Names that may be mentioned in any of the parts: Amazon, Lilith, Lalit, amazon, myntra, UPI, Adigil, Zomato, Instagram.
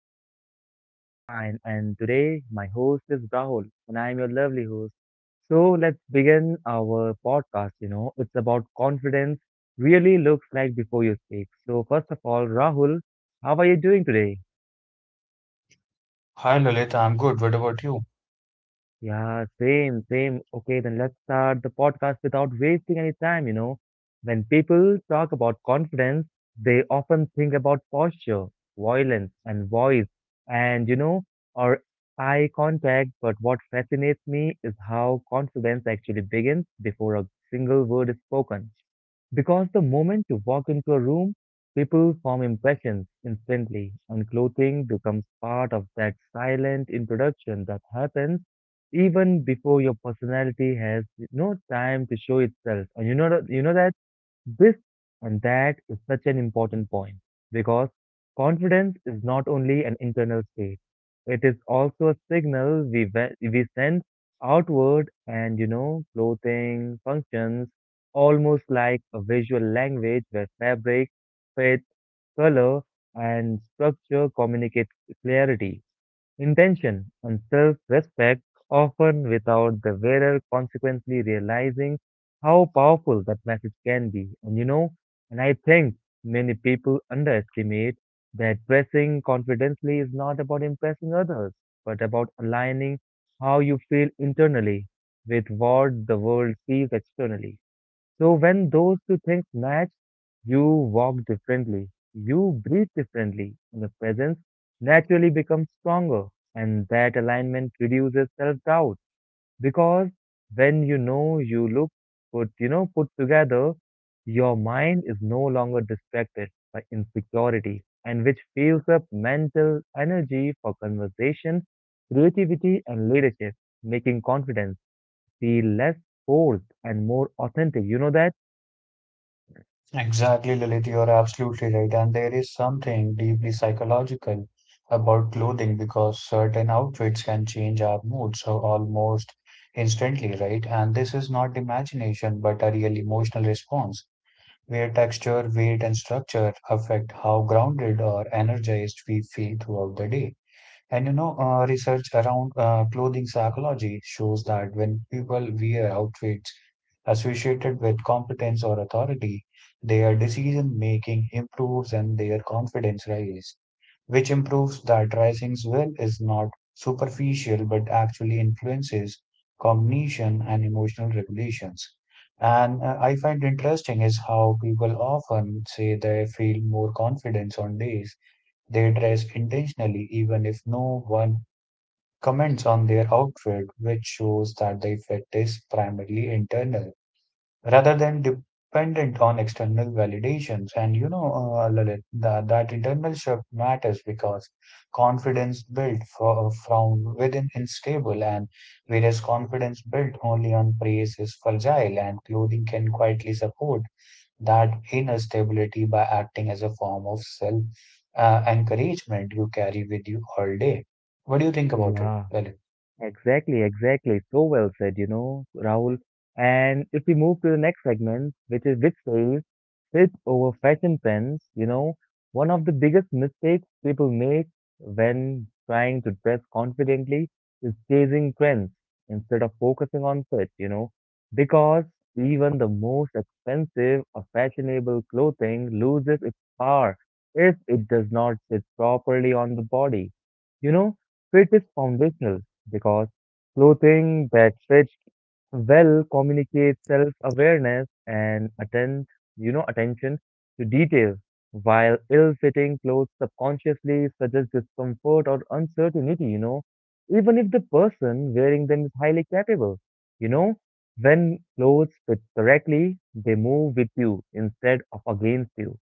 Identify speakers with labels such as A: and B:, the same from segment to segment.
A: fine, and we are also fine. And today, my host is Rahul, and I am your lovely host. So let's begin our podcast. It's about confidence. Really looks like before you speak. So first of all, Rahul, how are you doing today?
B: Hi Lalit, I'm good. What about you?
A: Yeah, same. Okay, then let's start the podcast without wasting any time. When people talk about confidence, they often think about posture, violence, and voice, and, or eye contact. But what fascinates me is how confidence actually begins before a single word is spoken. Because the moment you walk into a room, people form impressions instantly, and clothing becomes part of that silent introduction that happens even before your personality has no time to show itself. And you know that this and that is such an important point because confidence is not only an internal state; it is also a signal we send outward, and clothing functions almost like a visual language where fabric fits color and structure communicate clarity, intention, and self respect, often without the wearer consequently realizing how powerful that message can be. And I think many people underestimate that dressing confidently is not about impressing others, but about aligning how you feel internally with what the world sees externally. So when those two things match, you walk differently, you breathe differently, and your presence naturally becomes stronger. And that alignment reduces self doubt because when you know you look put together, your mind is no longer distracted by insecurity and which fills up mental energy for conversation, creativity, and leadership, making confidence feel less forced and more authentic. You know that?
B: Exactly, Lalit, you're absolutely right. And there is something deeply psychological about clothing because certain outfits can change our mood so almost instantly, right? And this is not imagination, but a real emotional response where texture, weight, and structure affect how grounded or energized we feel throughout the day. And you know, research around clothing psychology shows that when people wear outfits associated with competence or authority, their decision making improves and their confidence rises, which improves that rising's will is not superficial but actually influences cognition and emotional regulations. And I find interesting is how people often say they feel more confidence on days they dress intentionally even if no one comments on their outfit, which shows that the effect is primarily internal rather than dependent on external validations. And you know, Lalit, that internal shift matters because confidence built from within is stable, and whereas confidence built only on praise is fragile, and clothing can quietly support that inner stability by acting as a form of self encouragement you carry with you all day. What do you think about it,
A: Yeah.
B: Lalit?
A: Exactly. So well said, Rahul. And if we move to the next segment, which says fit over fashion trends, one of the biggest mistakes people make when trying to dress confidently is chasing trends instead of focusing on fit, because even the most expensive or fashionable clothing loses its power if it does not sit properly on the body. You know, fit is foundational because clothing that fits well communicates self-awareness and attention to detail, while ill-fitting clothes subconsciously suggest discomfort or uncertainty, even if the person wearing them is highly capable, you know. When clothes fit correctly, they move with you instead of against you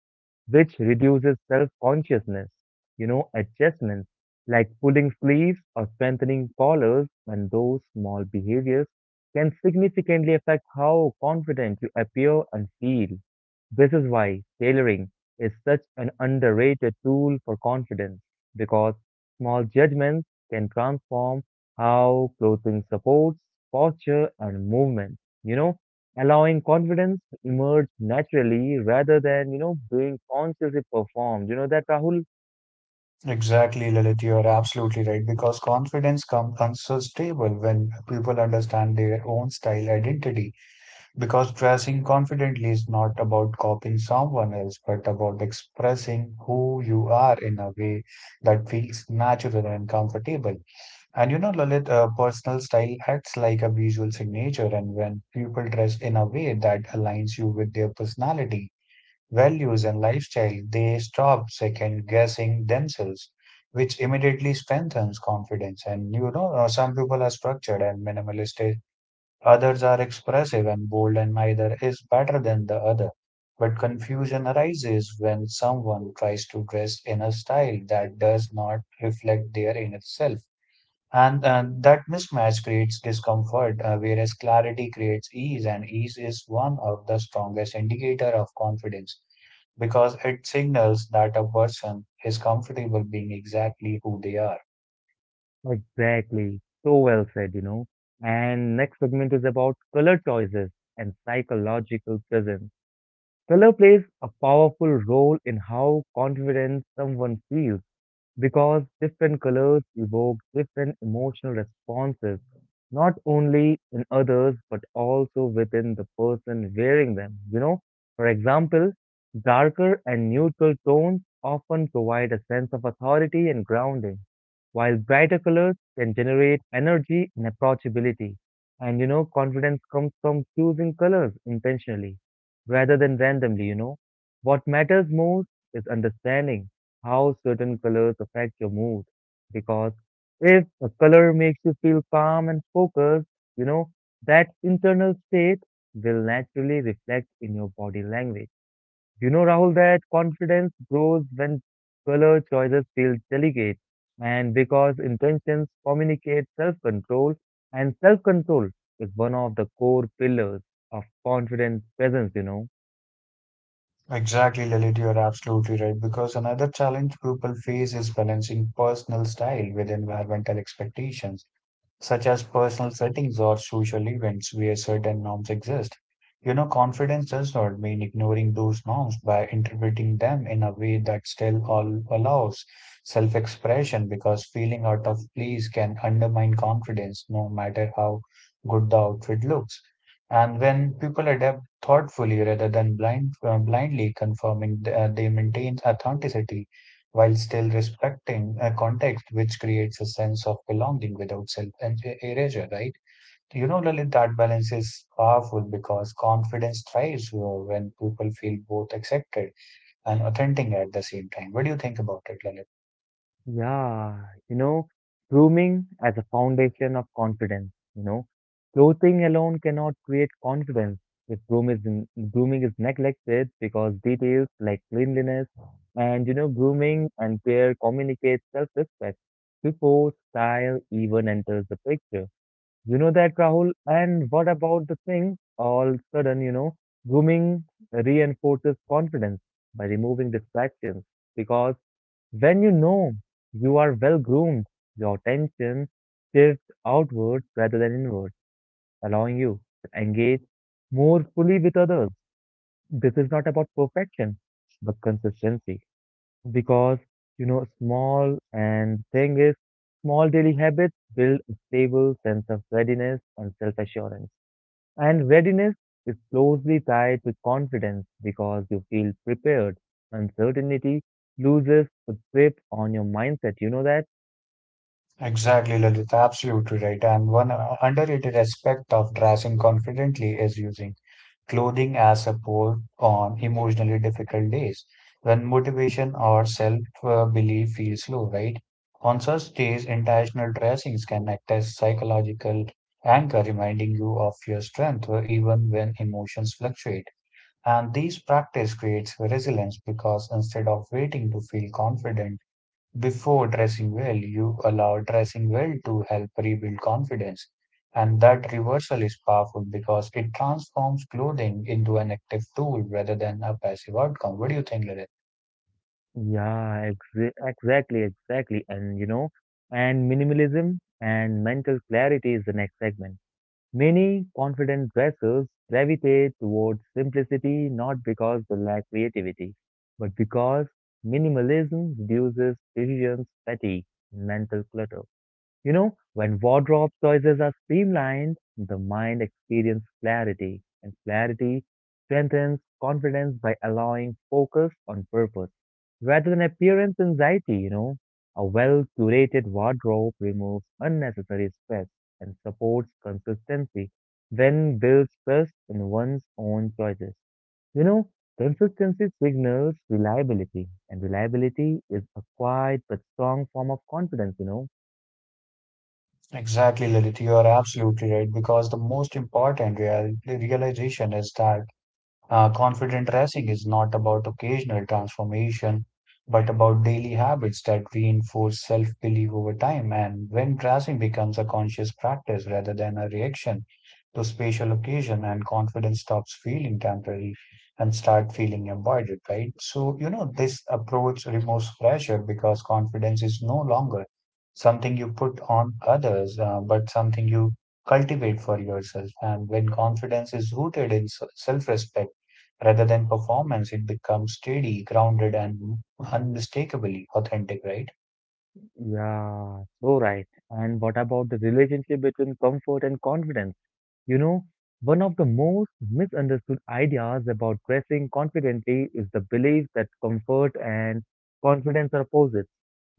A: which reduces self-consciousness. You know, adjustments like pulling sleeves or strengthening collars and those small behaviors can significantly affect how confident you appear and feel. This is why tailoring is such an underrated tool for confidence because small judgments can transform how clothing supports posture and movement. You know, allowing confidence to emerge naturally rather than being consciously performed. You know that, Rahul?
B: Exactly, Lalit, you are absolutely right because confidence comes unsustainable when people understand their own style identity. Because dressing confidently is not about copying someone else, but about expressing who you are in a way that feels natural and comfortable. And you know, Lalit, personal style acts like a visual signature, and when people dress in a way that aligns you with their personality, values, and lifestyle, they stop second guessing themselves, which immediately strengthens confidence. And you know, some people are structured and minimalistic, others are expressive and bold, and neither is better than the other. But confusion arises when someone tries to dress in a style that does not reflect their inner self. And that mismatch creates discomfort, whereas clarity creates ease, and ease is one of the strongest indicator of confidence because it signals that a person is comfortable being exactly who they are.
A: Exactly. So well said. And next segment is about color choices and psychological presence. Color plays a powerful role in how confident someone feels because different colors evoke different emotional responses, not only in others but also within the person wearing them. You know, for example, darker and neutral tones often provide a sense of authority and grounding, while brighter colors can generate energy and approachability. And confidence comes from choosing colors intentionally rather than randomly. What matters most is understanding how certain colors affect your mood. Because if a color makes you feel calm and focused, you know, that internal state will naturally reflect in your body language. You know, Rahul, that confidence grows when color choices feel delicate and because intentions communicate self control, and self control is one of the core pillars of confident presence.
B: Exactly, Lilith, you're absolutely right. Because another challenge people face is balancing personal style with environmental expectations, such as personal settings or social events where certain norms exist. You know, confidence does not mean ignoring those norms by interpreting them in a way that still allows self expression because feeling out of place can undermine confidence no matter how good the outfit looks. And when people adapt thoughtfully rather than blindly conforming, they maintain authenticity while still respecting a context which creates a sense of belonging without erasure, right? You know, Lalit, that balance is powerful because confidence thrives when people feel both accepted and authentic at the same time. What do you think about it, Lalit?
A: Yeah, you know, grooming as a foundation of confidence. Clothing alone cannot create confidence. If groom is in, grooming is neglected because details like cleanliness and grooming and care communicate self-respect before style even enters the picture. You know that, Rahul? And what about the thing? All of a sudden, grooming reinforces confidence by removing distractions because when you know you are well groomed, your attention shifts outwards rather than inwards, allowing you to engage more fully with others. This is not about perfection, but consistency. Because, you know, small and thing is, small daily habits build a stable sense of readiness and self assurance. And readiness is closely tied with confidence because you feel prepared. Uncertainty loses a grip on your mindset. You know that?
B: Exactly, Lalit. Absolutely right. And one underrated aspect of dressing confidently is using clothing as support on emotionally difficult days when motivation or self belief feels low, right? On such days, intentional dressings can act as psychological anchor, reminding you of your strength even when emotions fluctuate. And these practice creates resilience because instead of waiting to feel confident, before dressing well, you allow dressing well to help rebuild confidence. And that reversal is powerful because it transforms clothing into an active tool rather than a passive outcome. What do you think, Lalit?
A: Yeah, exactly. And minimalism and mental clarity is the next segment. Many confident dressers gravitate towards simplicity not because they lack creativity, but because minimalism reduces decisions fatigue mental clutter. You know, when wardrobe choices are streamlined, the mind experiences clarity, and clarity strengthens confidence by allowing focus on purpose rather than appearance anxiety. You know, a well curated wardrobe removes unnecessary stress and supports consistency, then builds trust in one's own choices. You know, consistency signals reliability, and reliability is a quiet but strong form of confidence.
B: Exactly, Lalit. You are absolutely right because the most important realization is that. Confident racing is not about occasional transformation, but about daily habits that reinforce self belief over time. And when racing becomes a conscious practice rather than a reaction to spatial occasion, and confidence stops feeling temporary and start feeling embodied, right? So, you know, this approach removes pressure because confidence is no longer something you put on others, but something you cultivate for yourself. And when confidence is rooted in self respect, rather than performance, it becomes steady, grounded, and unmistakably authentic, right?
A: Yeah, so right. And what about the relationship between comfort and confidence? You know, one of the most misunderstood ideas about dressing confidently is the belief that comfort and confidence are opposites.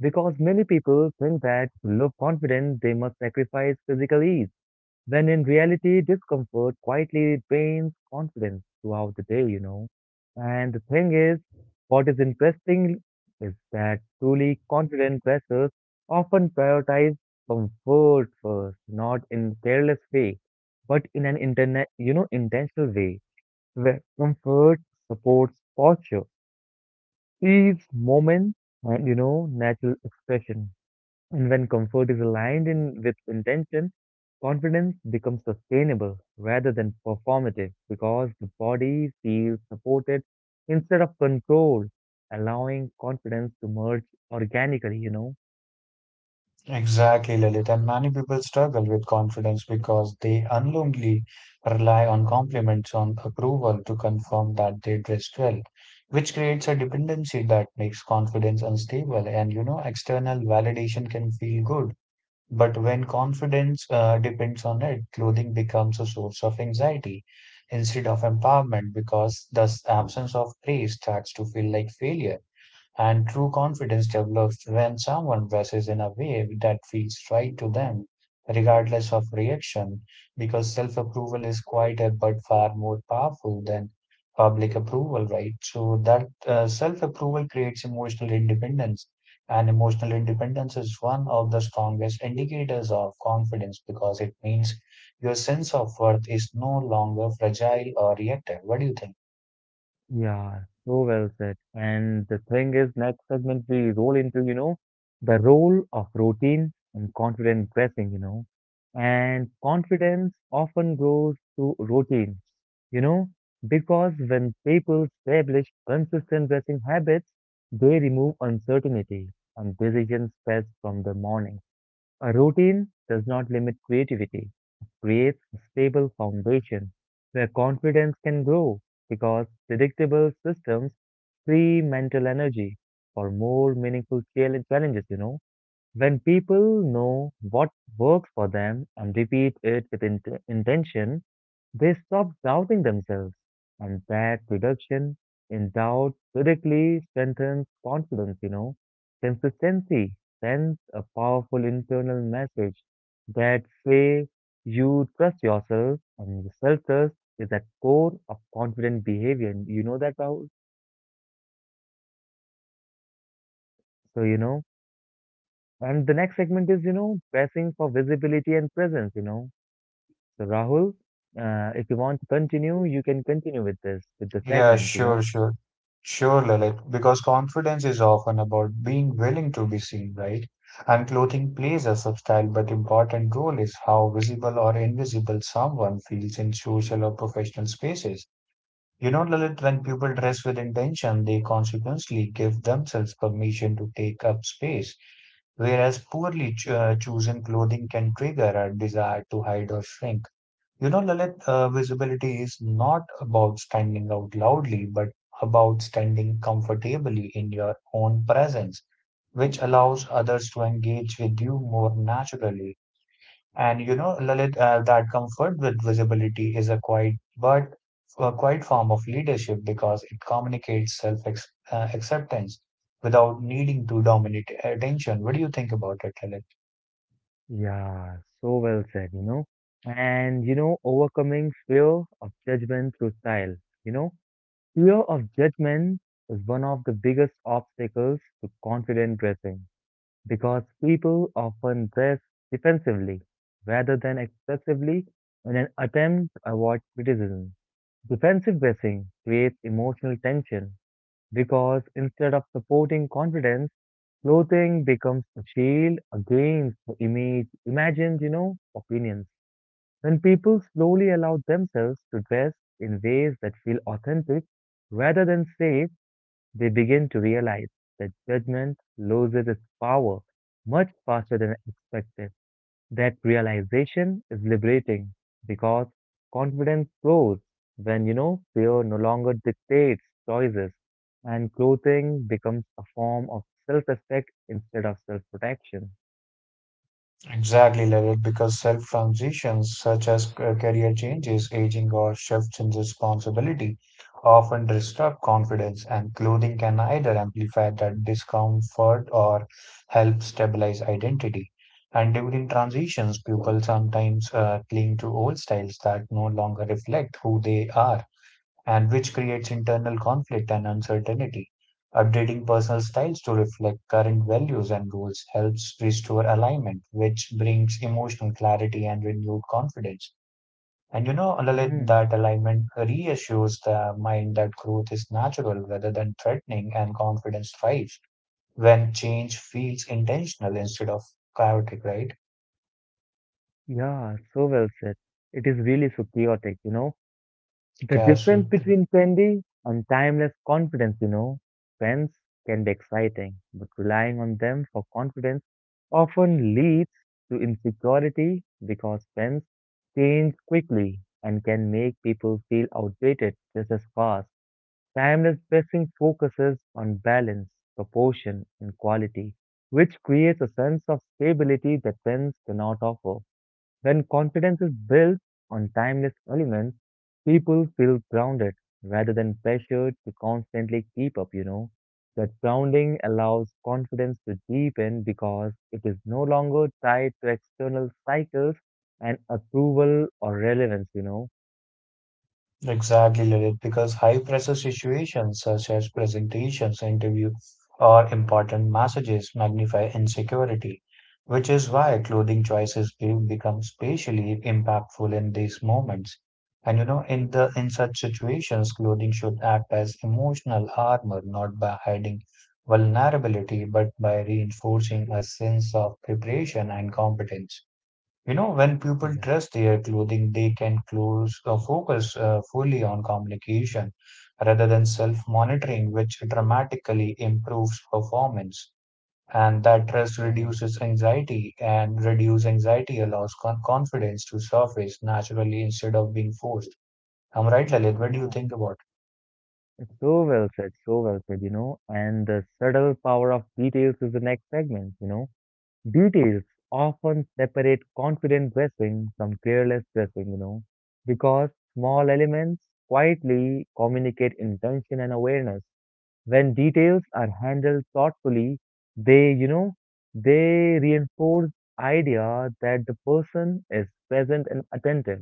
A: Because many people think that to look confident, they must sacrifice physical ease. When in reality, discomfort quietly drains confidence throughout the day. And the thing is, what is interesting is that truly confident dressers often prioritize comfort first, not in careless way, but in an intentional way, where comfort supports posture, ease, moment, and natural expression. And when comfort is aligned in with intention, confidence becomes sustainable rather than performative because the body feels supported instead of controlled, allowing confidence to merge organically.
B: Exactly, Lilith. And many people struggle with confidence because they unknowingly rely on compliments, on approval to confirm that they dressed well, which creates a dependency that makes confidence unstable. And you know, external validation can feel good. But when confidence depends on it, clothing becomes a source of anxiety instead of empowerment because thus absence of praise starts to feel like failure. And true confidence develops when someone dresses in a way that feels right to them, regardless of reaction, because self approval is quieter but far more powerful than public approval, right? So, that self approval creates emotional independence, and emotional independence is one of the strongest indicators of confidence because it means your sense of worth is no longer fragile or reactive. What do you think?
A: Yeah, so well said. And the thing is, next segment we roll into, the role of routine and confident dressing. And confidence often grows through routine, you know, because when people establish consistent dressing habits, they remove uncertainty and decision stress from the morning. A routine does not limit creativity. It creates a stable foundation where confidence can grow because predictable systems free mental energy for more meaningful challenges. When people know what works for them and repeat it with intention, they stop doubting themselves, and that reduction in doubt directly strengthens confidence. Consistency sends a powerful internal message that say you trust yourself and self-trust is at core of confident behavior. You know that, Rahul?
B: Exactly, Lilith, absolutely right. Because
A: So,
B: confidence is often about
A: and the next segment is,
B: absolutely,
A: pressing for visibility and presence. So, Rahul, if you want to continue, you can continue with this, with the
B: yeah,
A: segment, you
B: sure,
A: know.
B: sure, sure, Lilith. Because confidence is often about being willing to be seen, right? And clothing plays a subtle but important role is how visible or invisible someone feels in social or professional spaces. You know, Lilith, when people dress with intention, they consequently give themselves permission to take up space whereas poorly chosen clothing can trigger our desire to hide or shrink. You know, Lalit, visibility is not about standing out loudly, but about standing comfortably in your own presence, which allows others to engage with you more naturally. And you know, Lalit, that comfort with visibility is a quiet form of leadership because it communicates self ex acceptance without needing to dominate attention. What do you think about it, Lalit?
A: Yeah, so well said. And, overcoming fear of judgment through style. You know, fear of judgment is one of the biggest obstacles to confident dressing because people often dress defensively rather than expressively in an attempt to avoid criticism. Defensive dressing creates emotional tension because instead of supporting confidence, clothing becomes a shield against the imagined opinions. When people slowly allow themselves to dress in ways that feel authentic rather than safe, they begin to realize that judgment loses its power much faster than expected. That realization is liberating because confidence grows when fear no longer dictates choices and clothing becomes a form of self-respect instead of self-protection.
B: Exactly, Lalit, because self transitions such as career changes, aging, or shifts in responsibility often disrupt confidence, and clothing can either amplify that discomfort or help stabilize identity. And during transitions, people sometimes cling to old styles that no longer reflect who they are and which creates internal conflict and uncertainty. Updating personal styles to reflect current values and goals helps restore alignment, which brings emotional clarity and renewed confidence. And you know, Lalit,
A: Mm,
B: that alignment reassures the mind that growth is natural rather than threatening, and confidence thrives when change feels intentional instead of chaotic, right?
A: yeah, so well said. It is really so chaotic. The difference
B: Chaotic.
A: between trendy and timeless confidence. Trends can be exciting, but relying on them for confidence often leads to insecurity because trends change quickly and can make people feel outdated just as fast. Timeless dressing focuses on balance, proportion, and quality, which creates a sense of stability that trends cannot offer. When confidence is built on timeless elements, people feel grounded rather than pressured to constantly keep up. That grounding allows confidence to deepen because it is no longer tied to external cycles and approval or relevance.
B: Exactly, Lilith, because high pressure situations such as presentations, interview, or important messages magnify insecurity, which is why clothing choices will become spatially impactful in these moments. And you know, in such situations, clothing should act as emotional armor, not by hiding vulnerability, but by reinforcing a sense of preparation and competence. You know, when people
A: Yeah,
B: trust their clothing, they can close focus fully on communication rather than self-monitoring, which dramatically improves performance. And that trust
A: yeah,
B: reduces anxiety, and reduce anxiety allows confidence to surface naturally instead of being forced. I'm right, Lalit. What do you
A: yeah.
B: think about
A: So well said. And the subtle power of details is the next segment. Details often separate confident dressing from careless dressing, because small elements quietly communicate intention and awareness. When details are handled thoughtfully, they, you know, they reinforce idea that the person is present and attentive,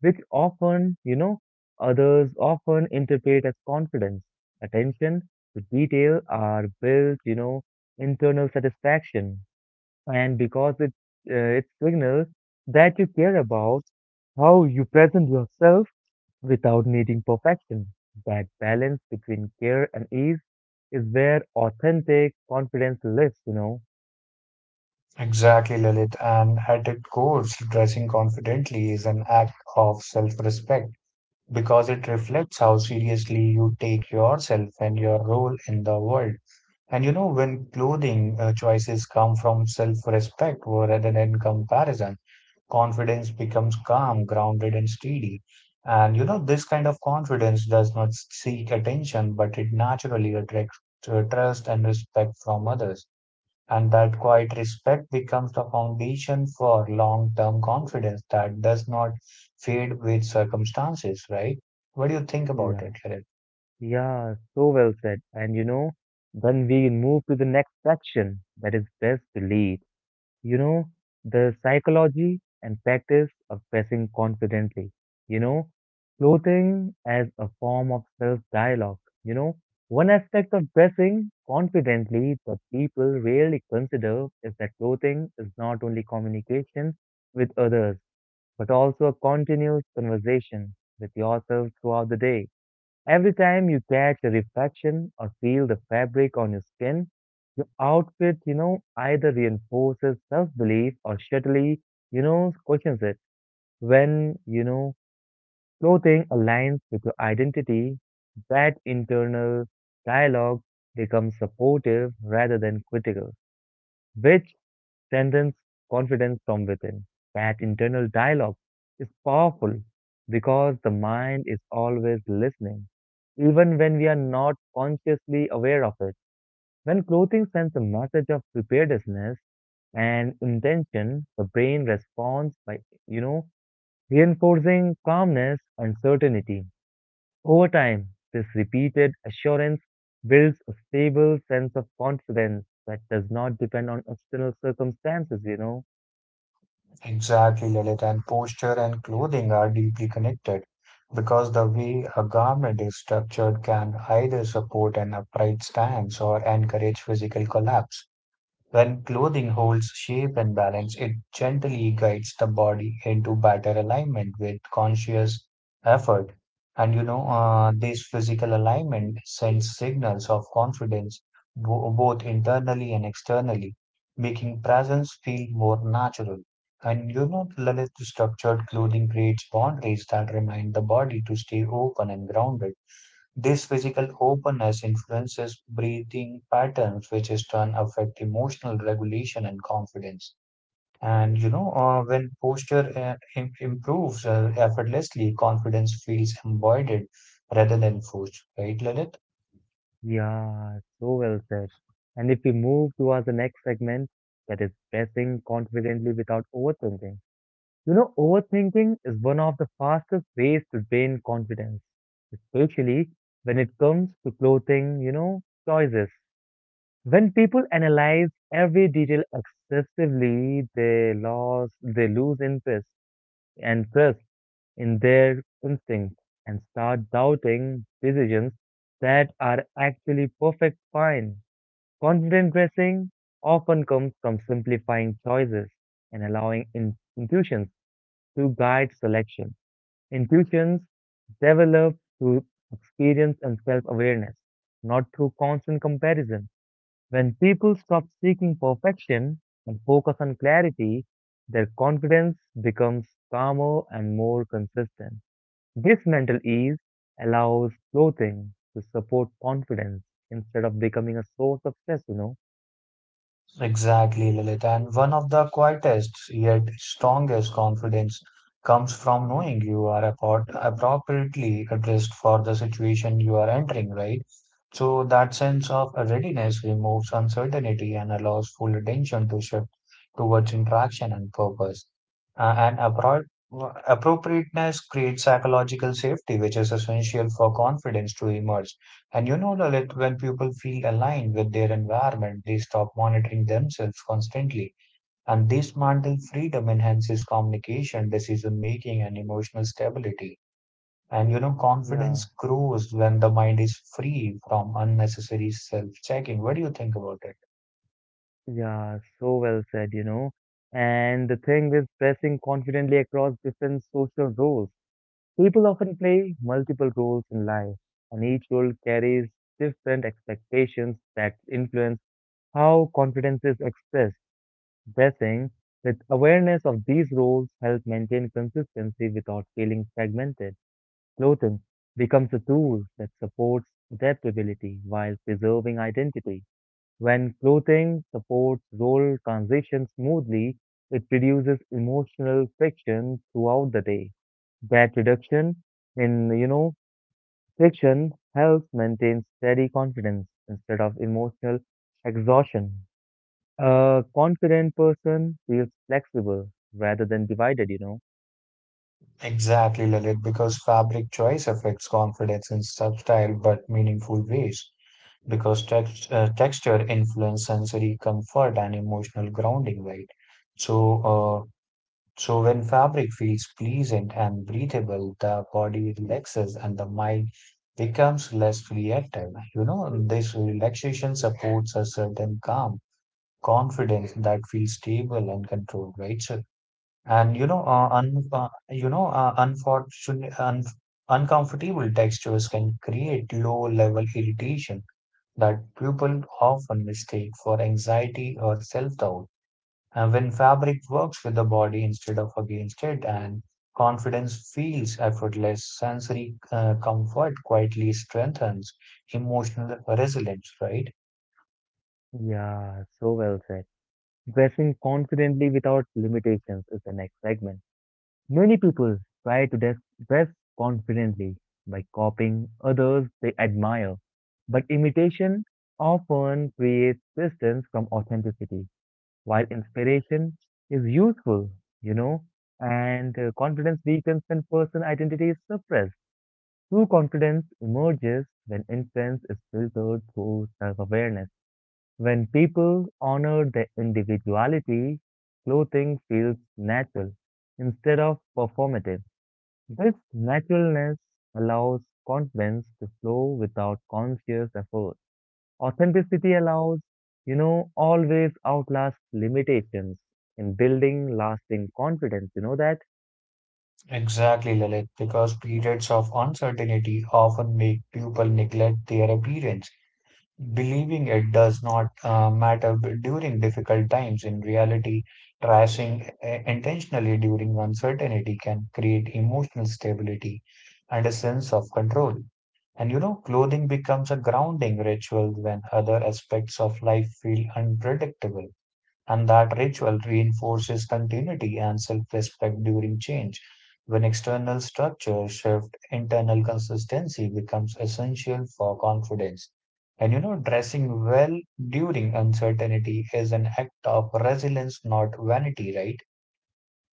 A: which others often interpret as confidence. Attention to detail are built internal satisfaction and because it signals that you care about how you present yourself without needing perfection. That balance between care and ease is where authentic confidence lives.
B: it? Exactly, Lalit. And at its core, dressing confidently is an act of self-respect because it reflects how seriously you take yourself and your role in the world. And you know, when clothing choices come from self-respect rather than comparison, confidence becomes calm, grounded, and steady. And you know, this kind of confidence does not seek attention, but it naturally attracts trust and respect from others. And that quiet respect becomes the foundation for long term confidence that does not fade with circumstances, right? What do you think about
A: Yeah,
B: it, Lalit?
A: yeah, so well said. And you know, then we move to the next section that is best belief. you know, the psychology and practice of dressing confidently, you know, clothing as a form of self dialogue. One aspect of dressing confidently that people rarely consider is that clothing is not only communication with others, but also a continuous conversation with yourself throughout the day. Every time you catch a reflection or feel the fabric on your skin, your outfit, either reinforces self-belief or subtly, questions it. When clothing aligns with your identity, that internal dialogue becomes supportive rather than critical, which strengthens confidence from within. That internal dialogue is powerful because the mind is always listening, even when we are not consciously aware of it. When clothing sends a message of preparedness and intention, the brain responds by, you know, reinforcing calmness and certainty. Over time, this repeated assurance builds a stable sense of confidence that does not depend on external circumstances.
B: Exactly, Lalit. And posture and clothing are deeply connected because the way a garment is structured can either support an upright stance or encourage physical collapse. When clothing holds shape and balance, it gently guides the body into better alignment with conscious effort. And you know, this physical alignment sends signals of confidence both internally and externally, making presence feel more natural. And you know, Lalit, structured clothing creates boundaries that remind the body to stay open and grounded. This physical openness influences breathing patterns, which is done affect emotional regulation and confidence. And you know, when posture improves effortlessly, confidence feels embodied rather than forced, right, Lalit?
A: Yeah, so well said. And if we move towards the next segment, that is pressing confidently without overthinking. You know, overthinking is one of the fastest ways to drain confidence, especially when it comes to clothing, choices. When people analyze every detail excessively, they lose interest and trust in their instincts and start doubting decisions that are actually perfect fine. Confident dressing often comes from simplifying choices and allowing intuitions to guide selection. Intuitions develop through experience and self awareness, not through constant comparison. When people stop seeking perfection and focus on clarity, their confidence becomes calmer and more consistent. This mental ease allows clothing to support confidence instead of becoming a source of stress.
B: Exactly, Lalit. And one of the quietest yet strongest confidence comes from knowing you are appropriately addressed for the situation you are entering, right? So that sense of readiness removes uncertainty and allows full attention to shift towards interaction and purpose. And appropriateness creates psychological safety, which is essential for confidence to emerge. And you know, Lalit, when people feel aligned with their environment, they stop monitoring themselves constantly. And this mental freedom enhances communication, decision making, and emotional stability. And you know,
A: Yeah.
B: confidence grows when the mind is free from unnecessary self-checking. What do you think about it?
A: Yeah, so well said. And the thing with pressing confidently across different social roles, people often play multiple roles in life, and each role carries different expectations that influence how confidence is expressed. Pressing with awareness of these roles helps maintain consistency without feeling fragmented. Clothing becomes a tool that supports adaptability while preserving identity. When clothing supports role transition smoothly, it reduces emotional friction throughout the day. That reduction in friction helps maintain steady confidence instead of emotional exhaustion. A confident person feels flexible rather than divided.
B: Exactly, Lalit, because fabric choice affects confidence in subtle but meaningful ways. Because texture influence sensory comfort and emotional grounding, right? So, uh, so when fabric feels pleasant and breathable, the body relaxes and the mind becomes less reactive. You know, this relaxation supports a certain calm confidence that feels stable and controlled, right? So, and you know, un, you know, unfortunate, un, Uncomfortable textures can create low-level irritation that people often mistake for anxiety or self-doubt. And when fabric works with the body instead of against it, and confidence feels effortless, sensory comfort quietly strengthens emotional resilience, right?
A: Yeah, so well said. Dressing confidently without limitations is the next segment. Many people try to dress confidently by copying others they admire, but imitation often creates distance from authenticity, while inspiration is useful, you know, and confidence weakens when person identity is suppressed. True confidence emerges when influence is filtered through self-awareness. When people honor their individuality, clothing feels natural instead of performative. This naturalness allows confidence to flow without conscious effort. Authenticity allows, always outlast limitations in building lasting confidence. You know that?
B: Exactly, Lalit, because periods of uncertainty often make people neglect their appearance, believing it does not matter during difficult times. In reality, dressing intentionally during uncertainty can create emotional stability and a sense of control. And you know, clothing becomes a grounding ritual when other aspects of life feel unpredictable, and that ritual reinforces continuity and self-respect during change. When external structures shift, internal consistency becomes essential for confidence. And you know, dressing well during uncertainty is an act of resilience, not vanity, right?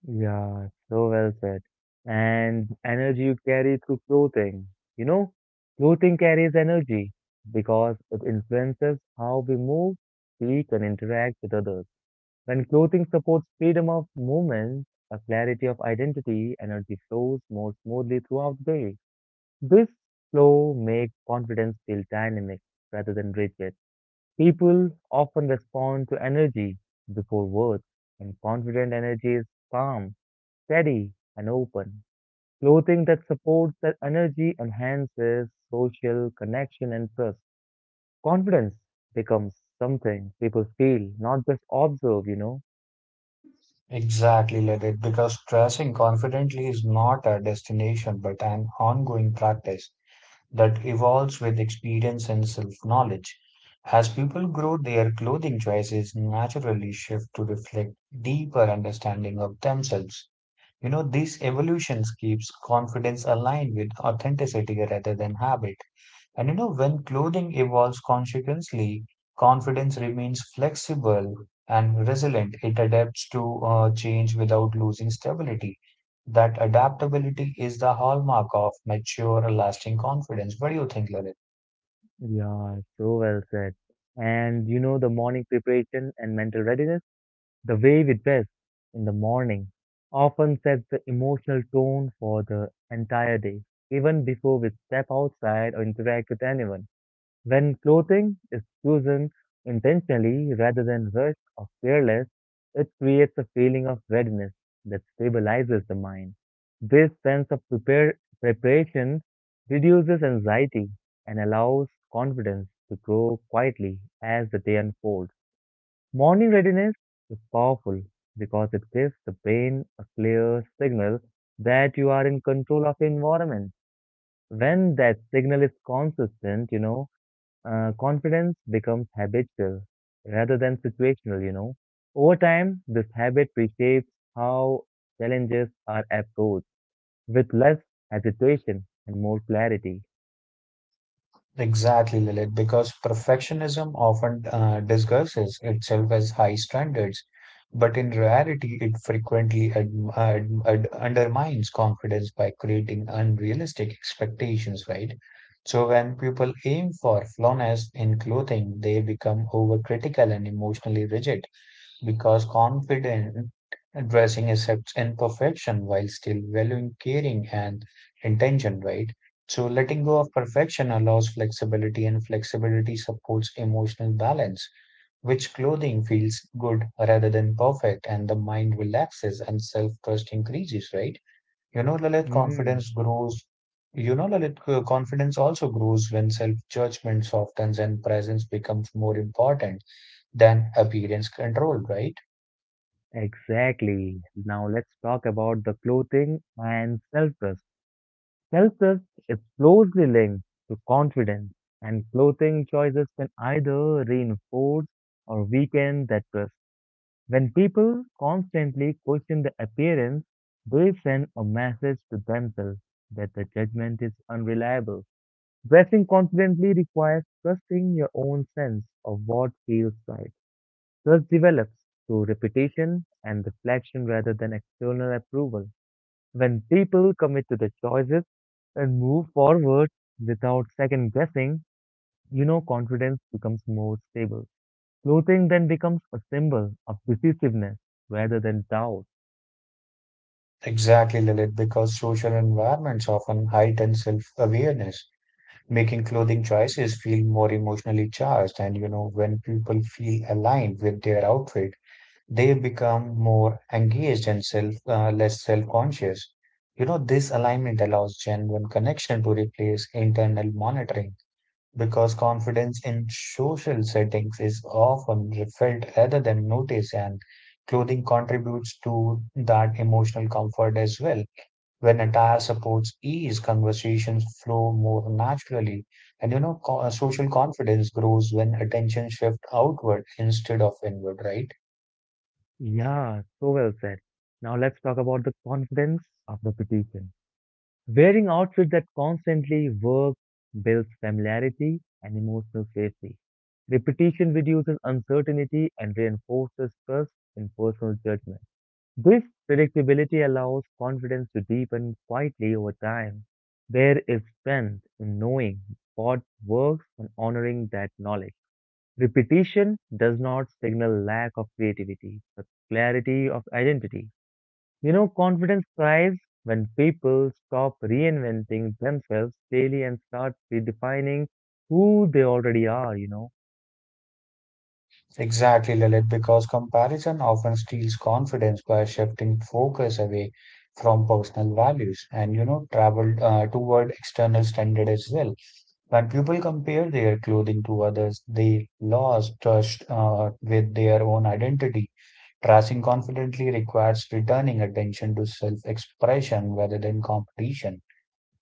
A: Yeah, so well said. And energy you carry through clothing. You know, clothing carries energy because it influences how we move, speak, and interact with others. When clothing supports freedom of movement, a clarity of identity, energy flows more smoothly throughout the day. This flow makes confidence feel dynamic rather than rigid. People often respond to energy before words, and confident energy is calm, steady, and open. Clothing that supports that energy enhances social connection and trust. Confidence becomes something people feel, not just observe.
B: Exactly, Ledit, because dressing confidently is not a destination but an ongoing practice that evolves with experience and self knowledge. As people grow, their clothing choices naturally shift to reflect deeper understanding of themselves. You know, these evolutions keeps confidence aligned with authenticity rather than habit. And you know, when clothing evolves consequently, confidence remains flexible and resilient. It adapts to change without losing stability. That adaptability is the hallmark of mature, lasting confidence. What do you think, Lalit?
A: Yeah, so well said. And the morning preparation and mental readiness, the way we dress in the morning often sets the emotional tone for the entire day, even before we step outside or interact with anyone. When clothing is chosen intentionally rather than rushed or careless, it creates a feeling of readiness that stabilizes the mind. This sense of preparation reduces anxiety and allows confidence to grow quietly as the day unfolds. Morning readiness is powerful because it gives the brain a clear signal that you are in control of the environment. When that signal is consistent, confidence becomes habitual rather than situational. Over time, this habit reshapes how challenges are approached with less hesitation and more clarity.
B: Exactly, Lilith, because perfectionism often disguises itself as high standards, but in reality, it frequently ad ad ad undermines confidence by creating unrealistic expectations, right? So, when people aim for flawlessness in clothing, they become overcritical and emotionally rigid because confident dressing accepts imperfection while still valuing caring and intention, right? So letting go of perfection allows flexibility, and flexibility supports emotional balance, which clothing feels good rather than perfect, and the mind relaxes and self trust increases, right? You know, Lalit,
A: Hmm,
B: confidence grows. You know, Lalit, confidence also grows when self judgment softens and presence becomes more important than appearance control, right?
A: exactly. Now let's talk about the clothing and self-trust. Self-trust is closely linked to confidence, and clothing choices can either reinforce or weaken that trust. When people constantly question the appearance, they send a message to themselves that the judgment is unreliable. Dressing confidently requires trusting your own sense of what feels right. Trust develops through repetition and reflection rather than external approval. When people commit to the choices and move forward without second guessing, you know confidence becomes more stable. Clothing then becomes a symbol of decisiveness rather than doubt.
B: Exactly, Lilith, because social environments often heighten self-awareness, making clothing choices feel more emotionally charged. And you know, when people feel aligned with their outfit, they become more engaged and less self-conscious. You know, this alignment allows genuine connection to replace internal monitoring because confidence in social settings is often felt rather than noticed, and clothing contributes to that emotional comfort as well. When attire supports ease, conversations flow more naturally. And you know, social confidence grows when attention shifts outward instead of inward, right?
A: Yeah, so well said. Now let's talk about the confidence of repetition. Wearing outfits that constantly work builds familiarity and emotional safety. Repetition reduces uncertainty and reinforces trust in personal judgment. This predictability allows confidence to deepen quietly over time. There is strength in knowing what works and honoring that knowledge. Repetition does not signal lack of creativity, but clarity of identity. You know, confidence thrives when people stop reinventing themselves daily and start redefining who they already are.
B: Exactly, Lalit, because comparison often steals confidence by shifting focus away from personal values and, you know, travel toward external standard as well. When people compare their clothing to others, they lose trust with their own identity. Racing confidently requires returning attention to self-expression rather than competition.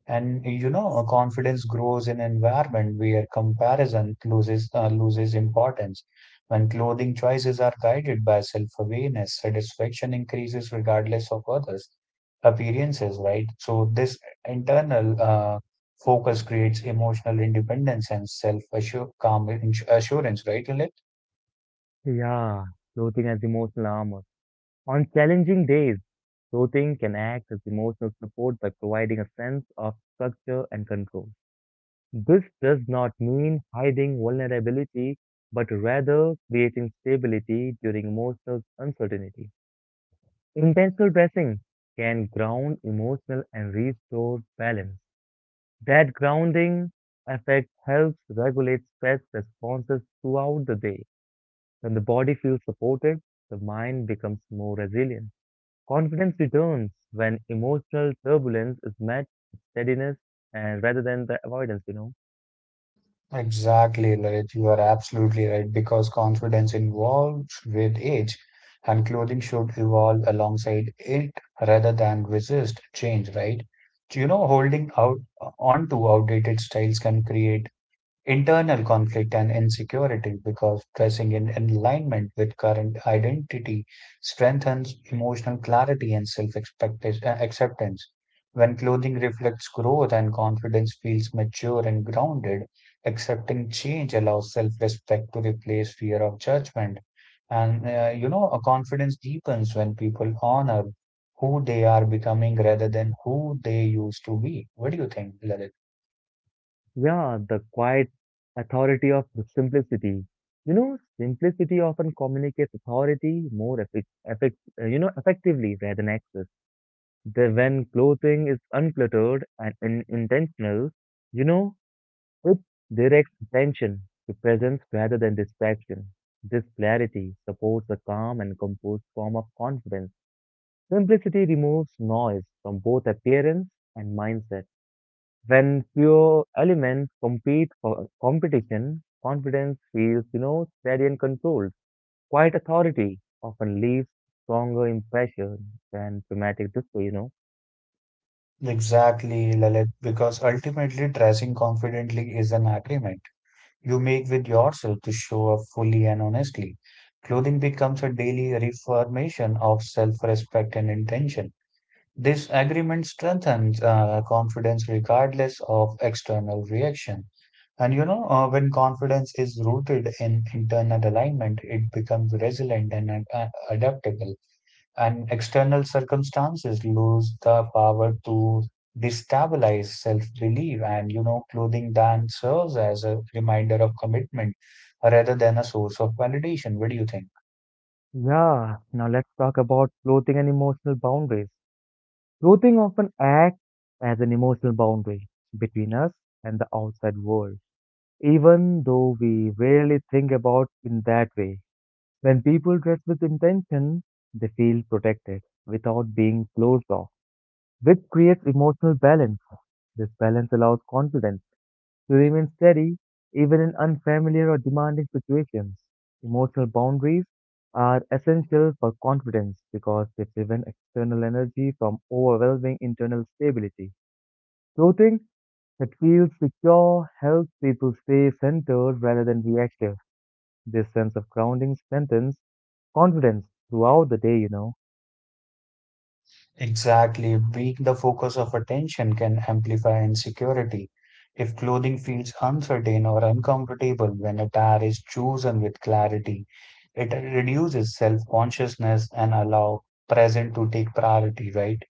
B: And you know, confidence grows in an environment where comparison loses importance. When clothing choices are guided by self-awareness, satisfaction increases regardless of others' appearances, right? So this internal focus creates emotional independence and self-assurance, calm assurance, right, Lily?
A: Yeah, clothing as emotional armor. On challenging days, clothing can act as emotional support by providing a sense of structure and control. This does not mean hiding vulnerability, but rather creating stability during emotional uncertainty. Intentional dressing can ground emotional and restore balance. That grounding effect helps regulate stress responses throughout the day. When the body feels supported, the mind becomes more resilient. Confidence returns when emotional turbulence is met with steadiness and rather than the avoidance.
B: Exactly, Lalit. You are absolutely right because confidence evolves with age, and clothing should evolve alongside it rather than resist change, right? So, you know, holding out onto outdated styles can create internal conflict and insecurity because dressing in alignment with current identity strengthens emotional clarity and self acceptance. When clothing reflects growth and confidence feels mature and grounded, accepting change allows self respect to replace fear of judgment. A confidence deepens when people honor who they are becoming rather than who they used to be. What do you think, Lalit?
A: Yeah, the quiet authority of simplicity. You know, simplicity often communicates authority more effectively rather than access. When clothing is uncluttered and intentional, you know, it directs attention to presence rather than distraction. This clarity supports a calm and composed form of confidence. Simplicity removes noise from both appearance and mindset. When pure elements compete for competition, confidence feels, steady and controlled. Quiet authority often leaves stronger impression than dramatic display.
B: Exactly, Lalit, because ultimately dressing confidently is an agreement you make with yourself to show up fully and honestly. Clothing becomes a daily reformation of self-respect and intention. This agreement strengthens confidence regardless of external reaction. When confidence is rooted in internal alignment, it becomes resilient and adaptable, and external circumstances lose the power to destabilize self-belief, and you know clothing then serves as a reminder of commitment rather than a source of validation. What do you think?
A: Yeah, now let's talk about clothing and emotional boundaries. Clothing often acts as an emotional boundary between us and the outside world, even though we rarely think about in that way. When people dress with intention, they feel protected without being closed off, which creates emotional balance. This balance allows confidence to remain steady even in unfamiliar or demanding situations. Emotional boundaries are essential for confidence because they prevent external energy from overwhelming internal stability. Clothing that feels secure helps people stay centered rather than reactive. This sense of grounding strengthens confidence throughout the day.
B: Exactly, being the focus of attention can amplify insecurity if clothing feels uncertain or uncomfortable. When attire is chosen with clarity, it reduces self-consciousness and allow present to take priority, right?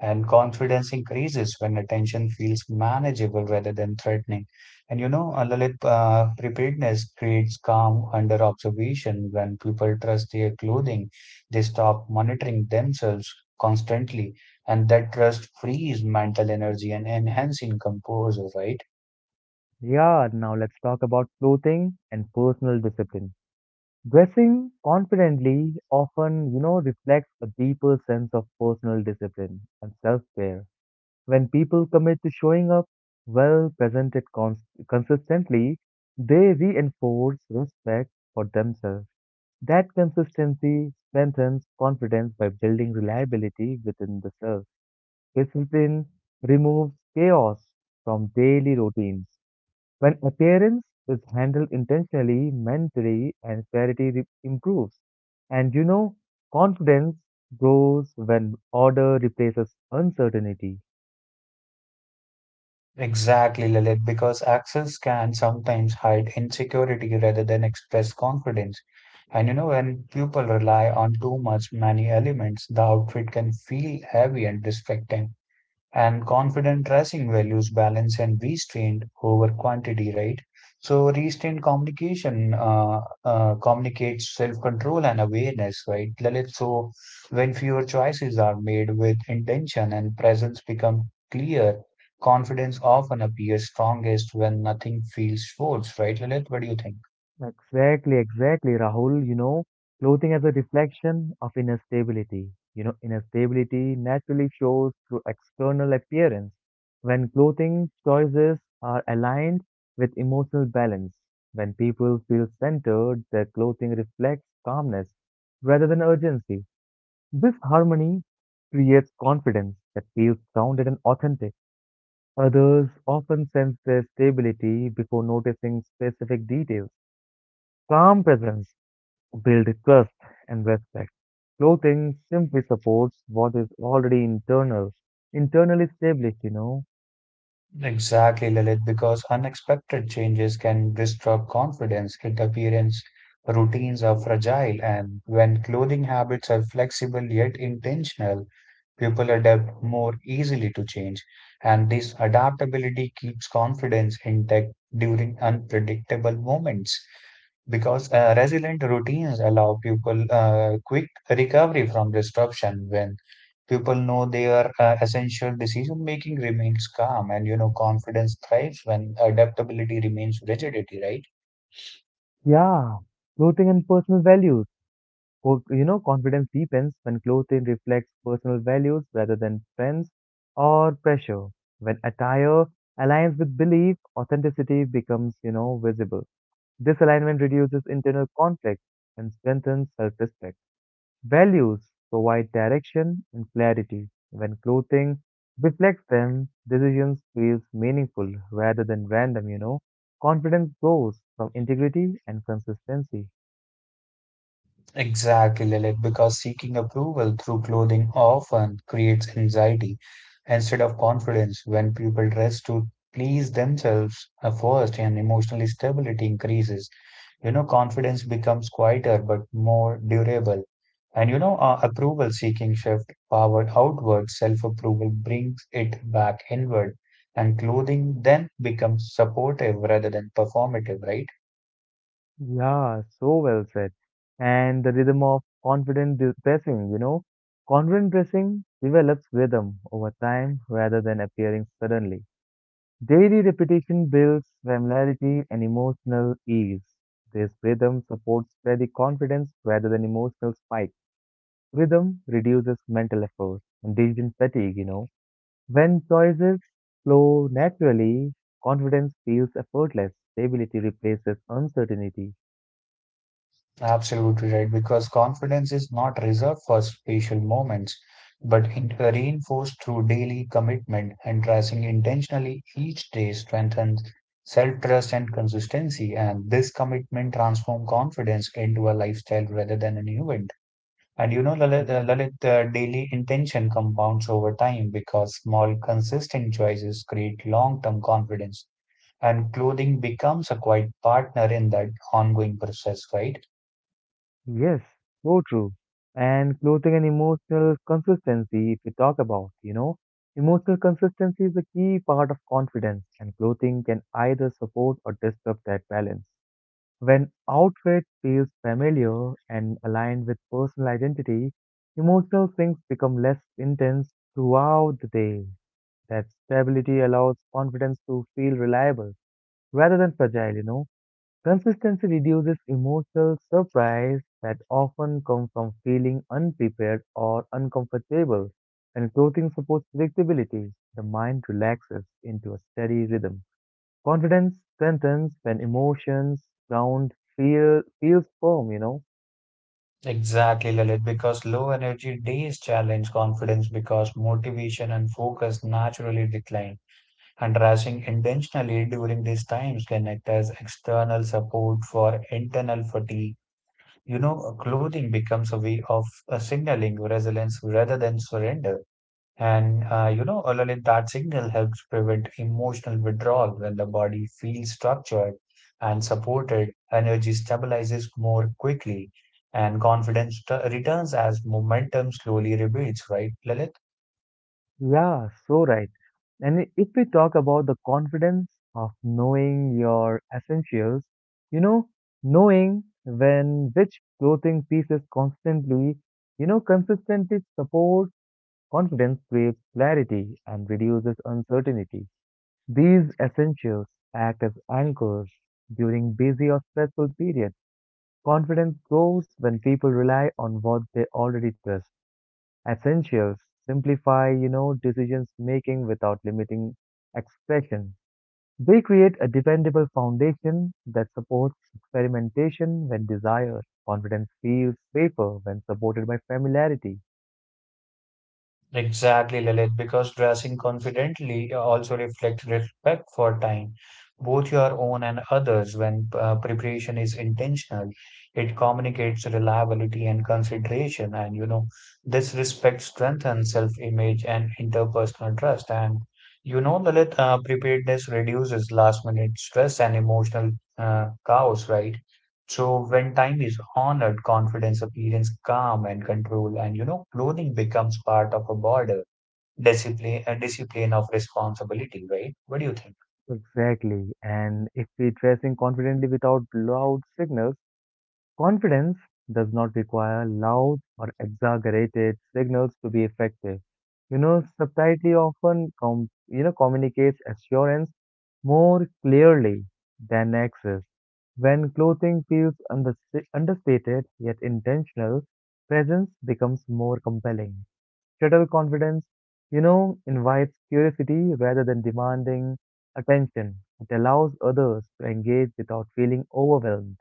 B: And confidence increases when attention feels manageable rather than threatening. And you know, Lalit, Preparedness creates calm under observation. When people trust their clothing, they stop monitoring themselves constantly, and that trust frees mental energy and enhancing composure, right?
A: Yeah, now let's talk about clothing and personal discipline. Dressing confidently often, reflects a deeper sense of personal discipline and self-care. When people commit to showing up well presented consistently, they reinforce respect for themselves. That consistency strengthens confidence by building reliability within the self. Discipline removes chaos from daily routines when appearance is handled intentionally, mentally, and clarity improves. And you know, confidence grows when order replaces uncertainty.
B: Exactly, Lilith, because access can sometimes hide insecurity rather than express confidence. And you know, when people rely on too much many elements, the outfit can feel heavy and distracting, and confident dressing values balance and restraint over quantity, right? So restrained communication communicates self-control and awareness, right, Lalit? So when fewer choices are made with intention and presence become clear, confidence often appears strongest when nothing feels forced, right, Lalit? What do you think?
A: Exactly, exactly, Rahul. You know, clothing as a reflection of inner stability. You know, inner stability naturally shows through external appearance. When clothing choices are aligned with emotional balance, when people feel centered, their clothing reflects calmness rather than urgency. This harmony creates confidence that feels grounded and authentic. Others often sense their stability before noticing specific details. Calm presence build trust and respect. Clothing simply supports what is already internally established.
B: Exactly, Lilith, because unexpected changes can disrupt confidence. It appearance routines are fragile, and when clothing habits are flexible yet intentional, people adapt more easily to change. And this adaptability keeps confidence intact during unpredictable moments because resilient routines allow people quick recovery from disruption when people know their essential decision making remains calm, and you know confidence thrives when adaptability remains rigidity, right?
A: Yeah, clothing and personal values. You know, confidence deepens when clothing reflects personal values rather than trends or pressure. When attire aligns with belief, authenticity becomes, visible. This alignment reduces internal conflict and strengthens self-respect. Values provide direction and clarity. When clothing reflects them, decisions feels meaningful rather than random. Confidence grows from integrity and consistency.
B: Exactly, Lilith, because seeking approval through clothing often creates anxiety instead of confidence. When people dress to please themselves first and emotional stability increases. You know, confidence becomes quieter but more durable. Approval seeking shift powered outward, self approval brings it back inward, and clothing then becomes supportive rather than performative, right?
A: Yeah, so well said. And the rhythm of confident dressing, you know. Confident dressing develops rhythm over time rather than appearing suddenly. Daily repetition builds familiarity and emotional ease. This rhythm supports steady confidence rather than emotional spikes. Rhythm reduces mental effort and decision fatigue. When choices flow naturally, confidence feels effortless. Stability replaces uncertainty.
B: Absolutely right, because confidence is not reserved for special moments, but in- reinforced through daily commitment, and dressing intentionally each day strengthens self-trust and consistency. And this commitment transforms confidence into a lifestyle rather than an event. And you know, Lalit,
A: Hmm.
B: Lalit, The daily intention compounds over time because small, consistent choices create long-term confidence. And clothing becomes a quiet partner in that ongoing process, right?
A: Yes, so true. And clothing and emotional consistency, if we talk about, emotional consistency is a key part of confidence, and clothing can either support or disturb that balance. When outfit feels familiar and aligned with personal identity, emotional swings become less intense throughout the day. That stability allows confidence to feel reliable rather than fragile. Consistency reduces emotional surprise that often comes from feeling unprepared or uncomfortable. When clothing supports predictability, the mind relaxes into a steady rhythm. Confidence strengthens when emotions ground feels firm.
B: Exactly, Lalit, because low energy days challenge confidence because motivation and focus naturally decline. And resting intentionally during these times can act as external support for internal fatigue. You know, clothing becomes a way of signaling resilience rather than surrender. And you know, Ololith, That signal helps prevent emotional withdrawal when the body feels structured and supported. Energy stabilizes more quickly, and confidence returns as momentum slowly rebuilds, right, Lalit?
A: Yeah, so right. And if we talk about the confidence of knowing your essentials, you know, knowing when which clothing pieces consistently support confidence creates clarity and reduces uncertainty. These essentials act as anchors during busy or stressful periods. Confidence grows when people rely on what they already trust. Essentials simplify, decisions making without limiting expression. They create a dependable foundation that supports experimentation when desired. Confidence feels safer when supported by familiarity.
B: Exactly, Lilith, because dressing confidently also reflects respect for time, both your own and others. When preparation is intentional, it communicates reliability and consideration, and you know, this respect strengthens self-image and interpersonal trust. And you know, Lilith, Preparedness reduces last-minute stress and emotional chaos, right? So when time is honored, confidence, appearance, calm and control, and you know, clothing becomes part of a border discipline of responsibility, right? What do you think?
A: Exactly. And if we dressing confidently without loud signals, confidence does not require loud or exaggerated signals to be effective. You know, subtlety often you know communicates assurance more clearly than access. When clothing feels understated yet intentional, presence becomes more compelling. Subtle confidence, you know, invites curiosity rather than demanding attention. It allows others to engage without feeling overwhelmed.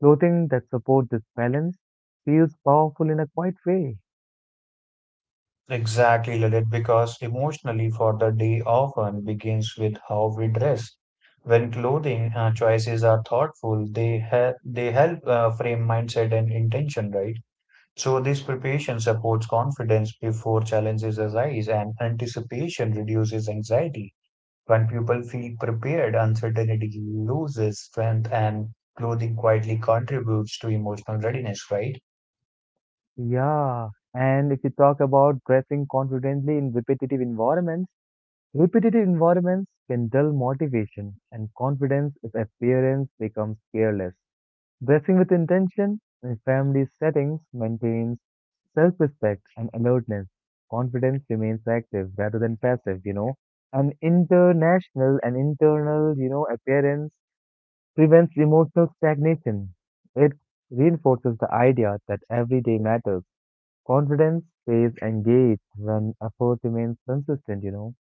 A: Clothing that support this balance feels powerful in a quiet way.
B: Exactly, Lalit, because emotionally for the day often begins with how we dress. When clothing choices are thoughtful, they help frame mindset and intention, right? So this preparation supports confidence before challenges arise, and anticipation reduces anxiety. When people feel prepared, uncertainty loses strength, and clothing quietly contributes to emotional readiness, right?
A: Yeah, and if you talk about dressing confidently in repetitive environments can dull motivation and confidence if appearance becomes careless. Dressing with intention in family settings maintains self-respect and alertness. Confidence remains active rather than passive, you know. An international and internal, you know, appearance prevents emotional stagnation. It reinforces the idea that every day matters. Confidence stays engaged when effort remains consistent, you know.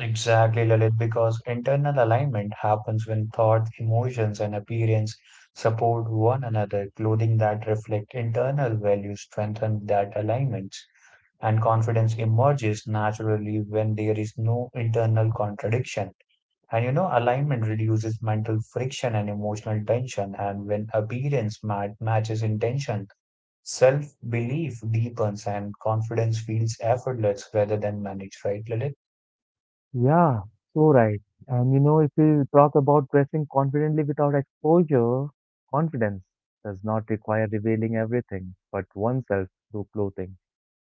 B: Exactly, Lalit, because internal alignment happens when thoughts, emotions, and appearance support one another. Clothing that reflect internal values strengthen that alignment, and confidence emerges naturally when there is no internal contradiction. And you know, alignment reduces mental friction and emotional tension. And when appearance matches intention, self belief deepens and confidence feels effortless rather than managed, right, Lilith?
A: Yeah, so right. And you know, if we talk about dressing confidently without exposure, confidence does not require revealing everything but oneself through clothing.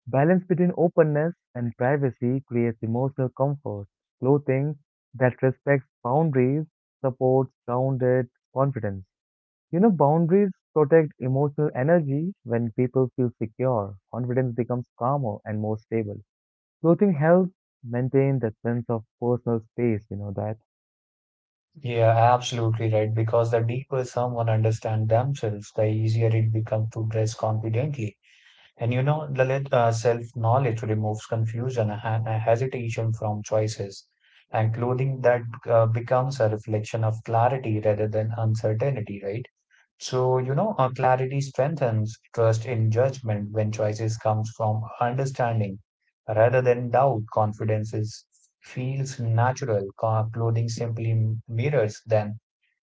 A: Balance between openness and privacy creates emotional comfort. Clothing that respects boundaries supports grounded confidence. You know, boundaries protect emotional energy when people feel secure. Confidence becomes calmer and more stable. Clothing helps maintain that sense of personal space, you know, that,
B: Yeah, absolutely right. Because the deeper someone understands themselves, the easier it becomes to dress confidently. And you know, Lalit, Self-knowledge removes confusion and hesitation from choices, and clothing that becomes a reflection of clarity rather than uncertainty, right? So, clarity strengthens trust in judgment when choices comes from understanding rather than doubt. Confidence feels natural. Clothing simply mirrors than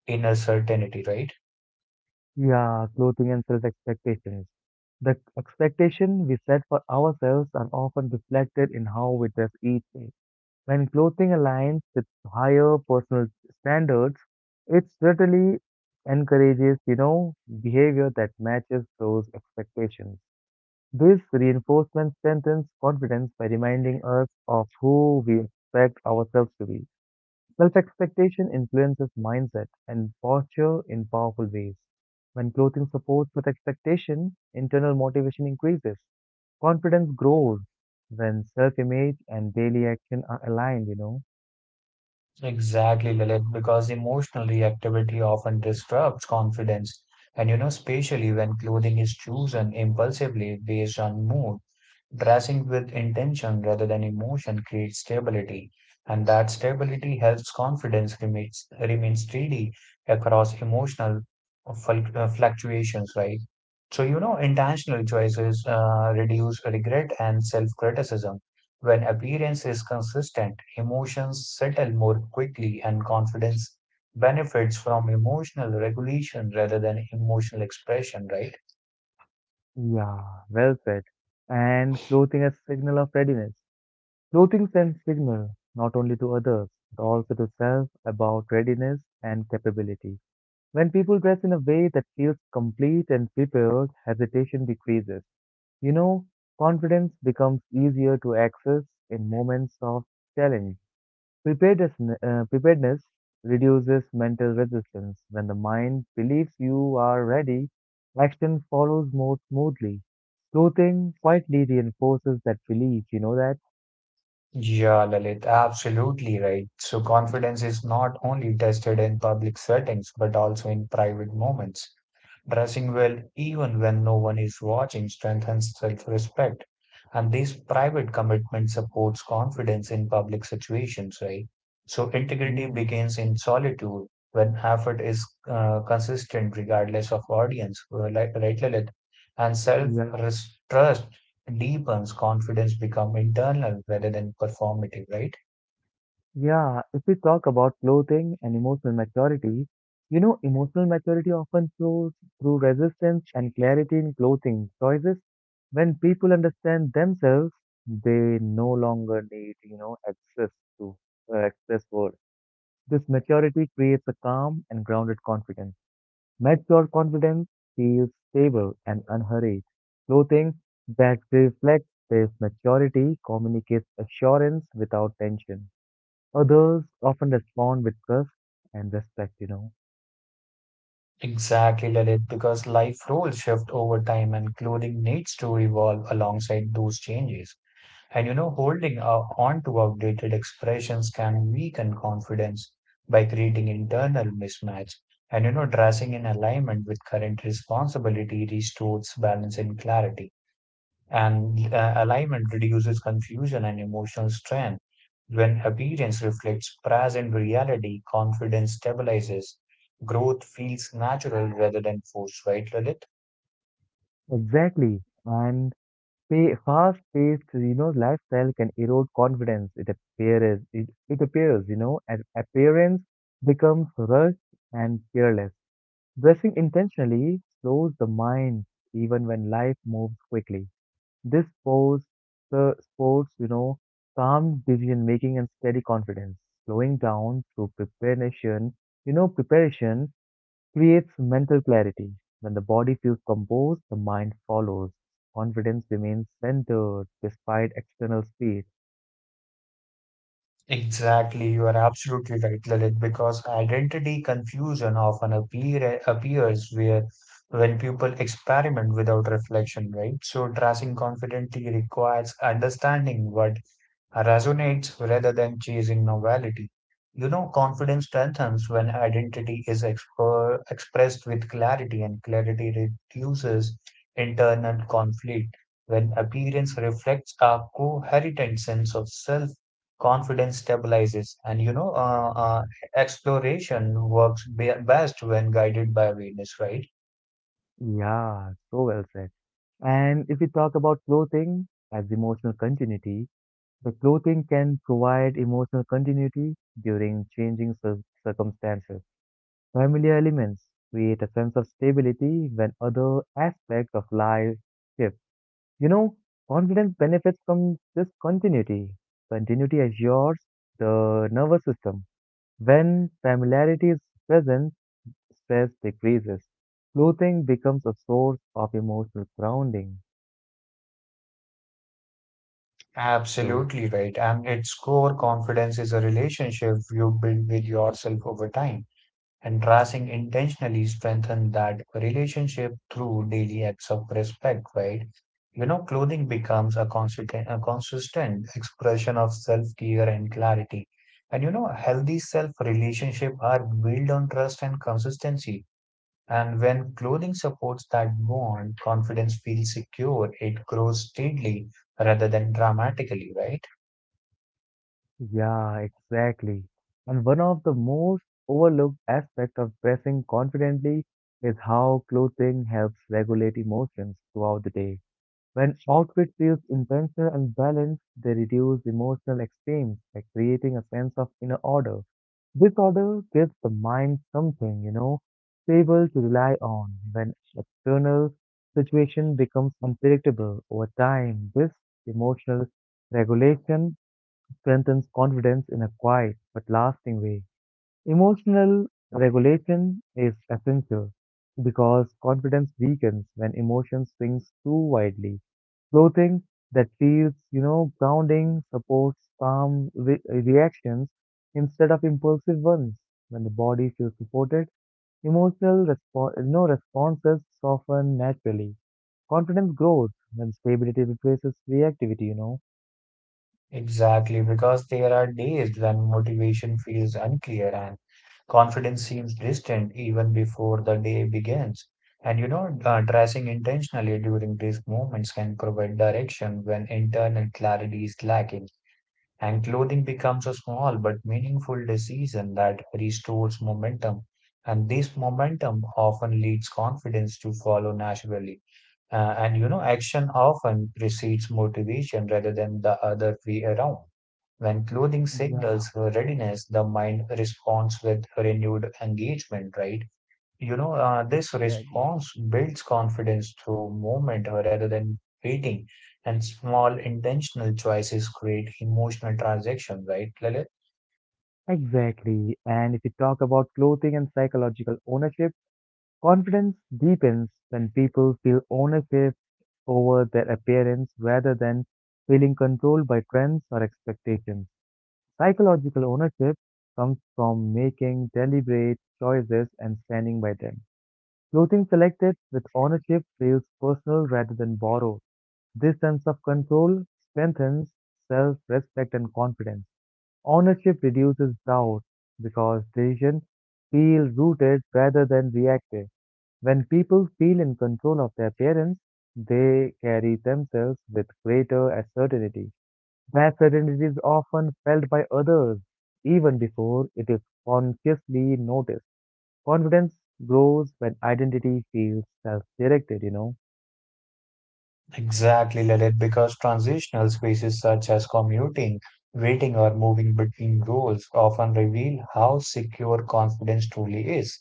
B: inner certainty, right?
A: yeah, clothing and self expectations. The expectation we set for ourselves are often reflected in how we dress each day. When clothing aligns with higher personal standards, it certainly encourages, you know, behavior that matches those expectations. This reinforcement strengthens confidence by reminding us of who we expect ourselves to be. Self expectation influences mindset and posture in powerful ways. When clothing supports with expectation, internal motivation increases. Confidence grows when self image and daily action are aligned, you know.
B: Exactly, Lalit, because emotional reactivity often disrupts confidence. And you know, especially when clothing is chosen impulsively based on mood, dressing with intention rather than emotion creates stability. And that stability helps confidence remain steady across emotional fluctuations, right? So, you know, intentional choices reduce regret and self criticism. When appearance is consistent, emotions settle more quickly, and confidence benefits from emotional regulation rather than emotional expression, right?
A: Yeah, well said. And clothing as signal of readiness. Clothing sends signal not only to others but also to self about readiness and capability. When people dress in a way that feels complete and prepared, hesitation decreases. You know, confidence becomes easier to access in moments of challenge. Preparedness, preparedness reduces mental resistance. When the mind believes you are ready, action follows more smoothly. Clothing quietly reinforces that belief, you know that?
B: Yeah, Lalit, absolutely right. So, confidence is not only tested in public settings but also in private moments. Dressing well, even when no one is watching, strengthens self-respect. And this private commitment supports confidence in public situations, right? So integrity
A: Mm,
B: begins in solitude when effort is consistent regardless of audience, like, right, Lilith? And
A: yeah.
B: self-trust deepens, confidence become internal rather than performative, right?
A: Yeah, if we talk about clothing and emotional maturity, you know, emotional maturity often flows through resistance and clarity in clothing choices. When people understand themselves, they no longer need, you know, access to excess words. This maturity creates a calm and grounded confidence. Mature confidence feels stable and unhurried. Clothing that reflects this maturity communicates assurance without tension. Others often respond with trust and respect, you know.
B: Exactly, Lalit, because life roles shift over time and clothing needs to evolve alongside those changes. And you know, holding on to outdated expressions can weaken confidence by creating internal mismatch. And you know, dressing in alignment with current responsibility restores balance and clarity. And alignment reduces confusion and emotional strain. When appearance reflects present reality, confidence stabilizes. Growth feels natural rather than forced, right, Lalit?
A: Exactly. And pay, fast-paced, you know, lifestyle can erode confidence. It appears, it appears, you know, and appearance becomes rushed and careless. Dressing intentionally slows the mind even when life moves quickly. This force, sports, you know, calm decision making and steady confidence. Slowing down through preparation, you know, preparation creates mental clarity. When the body feels composed, the mind follows. Confidence remains centered despite external speed.
B: Exactly, you are absolutely right, Lalit, because identity confusion often appears where when people experiment without reflection, right? So dressing confidently requires understanding what resonates rather than chasing novelty. You know, confidence strengthens when identity is expressed with clarity, and clarity reduces internal conflict. When appearance reflects a coherent sense of self, confidence stabilizes. And you know, exploration works best when guided by awareness, right?
A: Yeah, so well said. And if we talk about clothing as emotional continuity, the clothing can provide emotional continuity during changing circumstances. Familiar elements create a sense of stability when other aspects of life shift. You know, confidence benefits from this continuity. Continuity assures the nervous system. When familiarity is present, stress decreases. Clothing becomes a source of emotional grounding. So,
B: Absolutely right. And its core confidence is a relationship you build with yourself over time. And tracing intentionally strengthen that relationship through daily acts of respect, right? You know, clothing becomes a consistent expression of self-care and clarity. And you know, healthy self relationship are built on trust and consistency. And when clothing supports that bond, confidence feels secure. It grows steadily rather than dramatically, right?
A: yeah, exactly. And one of the most overlooked aspects of dressing confidently is how clothing helps regulate emotions throughout the day. When outfit feels intentional and balanced, they reduce emotional extremes by creating a sense of inner order. This order gives the mind something, you know, stable to rely on when external situation becomes unpredictable over time. This emotional regulation strengthens confidence in a quiet but lasting way. Emotional regulation is essential because confidence weakens when emotion swings too widely. Clothing that feels, you know, grounding supports calm reactions instead of impulsive ones. When the body feels supported, emotional you know, responses soften naturally. Confidence grows when stability replaces reactivity, you know.
B: Exactly, because there are days when motivation feels unclear and confidence seems distant even before the day begins. And you know, dressing intentionally during these moments can provide direction when internal clarity is lacking. And clothing becomes a small but meaningful decision that restores momentum. And this momentum often leads confidence to follow naturally. And you know, action often precedes motivation rather than the other way around. When clothing signals
A: Yeah,
B: her readiness, the mind responds with renewed engagement, right? You know, this
A: exactly.
B: response builds confidence through movement rather than waiting, and small intentional choices create emotional transaction, right, Lalit?
A: Exactly. And if you talk about clothing and psychological ownership, confidence deepens when people feel ownership over their appearance rather than feeling controlled by trends or expectations. Psychological ownership comes from making deliberate choices and standing by them. Clothing selected with ownership feels personal rather than borrowed. This sense of control strengthens self respect and confidence. Ownership reduces doubt because decisions feel rooted rather than reactive. When people feel in control of their parents, they carry themselves with greater certainty. That certainty is often felt by others even before it is consciously noticed. Confidence grows when identity feels self directed, you know.
B: Exactly, Lalit, because transitional spaces such as commuting, waiting, or moving between roles often reveal how secure confidence truly is.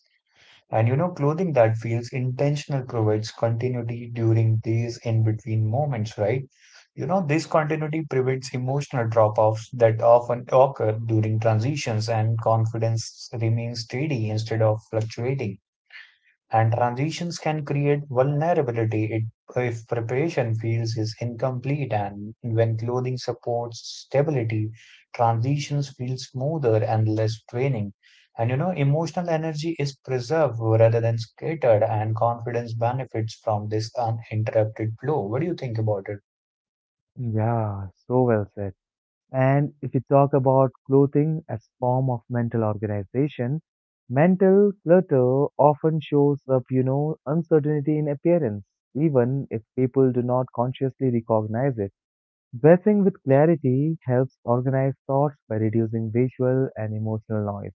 B: And you know, clothing that feels intentional provides continuity during these in-between moments, right? You know, this continuity prevents emotional drop-offs that often occur during transitions, and confidence remains steady instead of fluctuating, and transitions can create vulnerability if preparation feels is incomplete, and when clothing supports stability, transitions feel smoother and less draining, and you know, emotional energy is preserved rather than scattered, and confidence benefits from this uninterrupted flow. What do you think about it?
A: Yeah, so well said. And if we talk about clothing as form of mental organization, mental clutter often shows up, you know, uncertainty in appearance, even if people do not consciously recognize it. Dressing with clarity helps organize thoughts by reducing visual and emotional noise.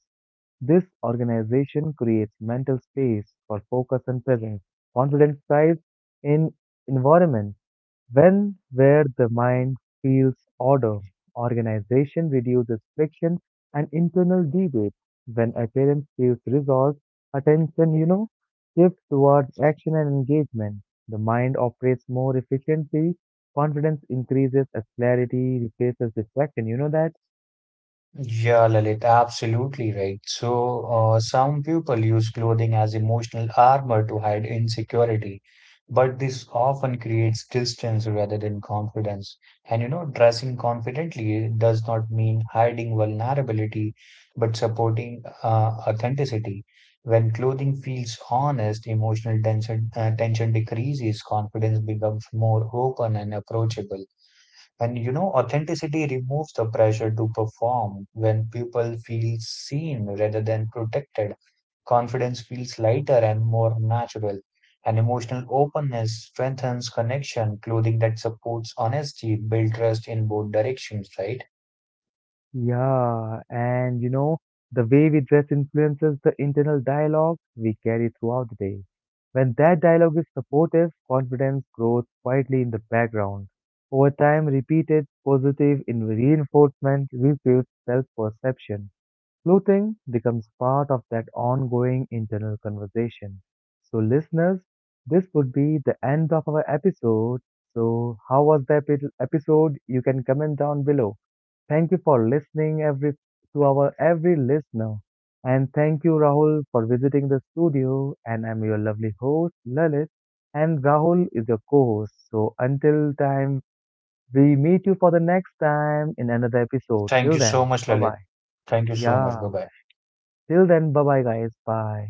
A: This organization creates mental space for focus and presence. Confidence thrives in environment when where the mind feels order, organization reduces friction and internal debate. When appearance feels resolved, attention, you know, shifts towards action and engagement. The mind operates more efficiently, confidence increases as clarity replaces distraction. You know that?
B: Yeah, Lalit, absolutely right. So, some people use clothing as emotional armor to hide insecurity, but this often creates distance rather than confidence. And you know, dressing confidently does not mean hiding vulnerability, but supporting authenticity. When clothing feels honest, tension decreases, confidence becomes more open and approachable. And you know, authenticity removes the pressure to perform when people feel seen rather than protected. Confidence feels lighter and more natural. And emotional openness strengthens connection. Clothing that supports honesty builds trust in both directions, right?
A: Yeah, and you know, the way we dress influences the internal dialogue we carry throughout the day. When that dialogue is supportive, confidence grows quietly in the background. Over time, repeated positive in reinforcement rebuilds self-perception. Clothing becomes part of that ongoing internal conversation. So, listeners, this would be the end of our episode. So, how was the episode? You can comment down below. Thank you for listening every to our every listener. And thank you Rahul for visiting the studio, and I'm your lovely host Lalit, and Rahul is your co-host. So until time we meet you for the next time in another episode.
B: Thank you
A: Till
B: so
A: then,
B: much,
A: bye
B: Lalit.
A: bye.
B: Thank you so much. Bye
A: Yeah.
B: bye.
A: Till then, bye bye guys. Bye.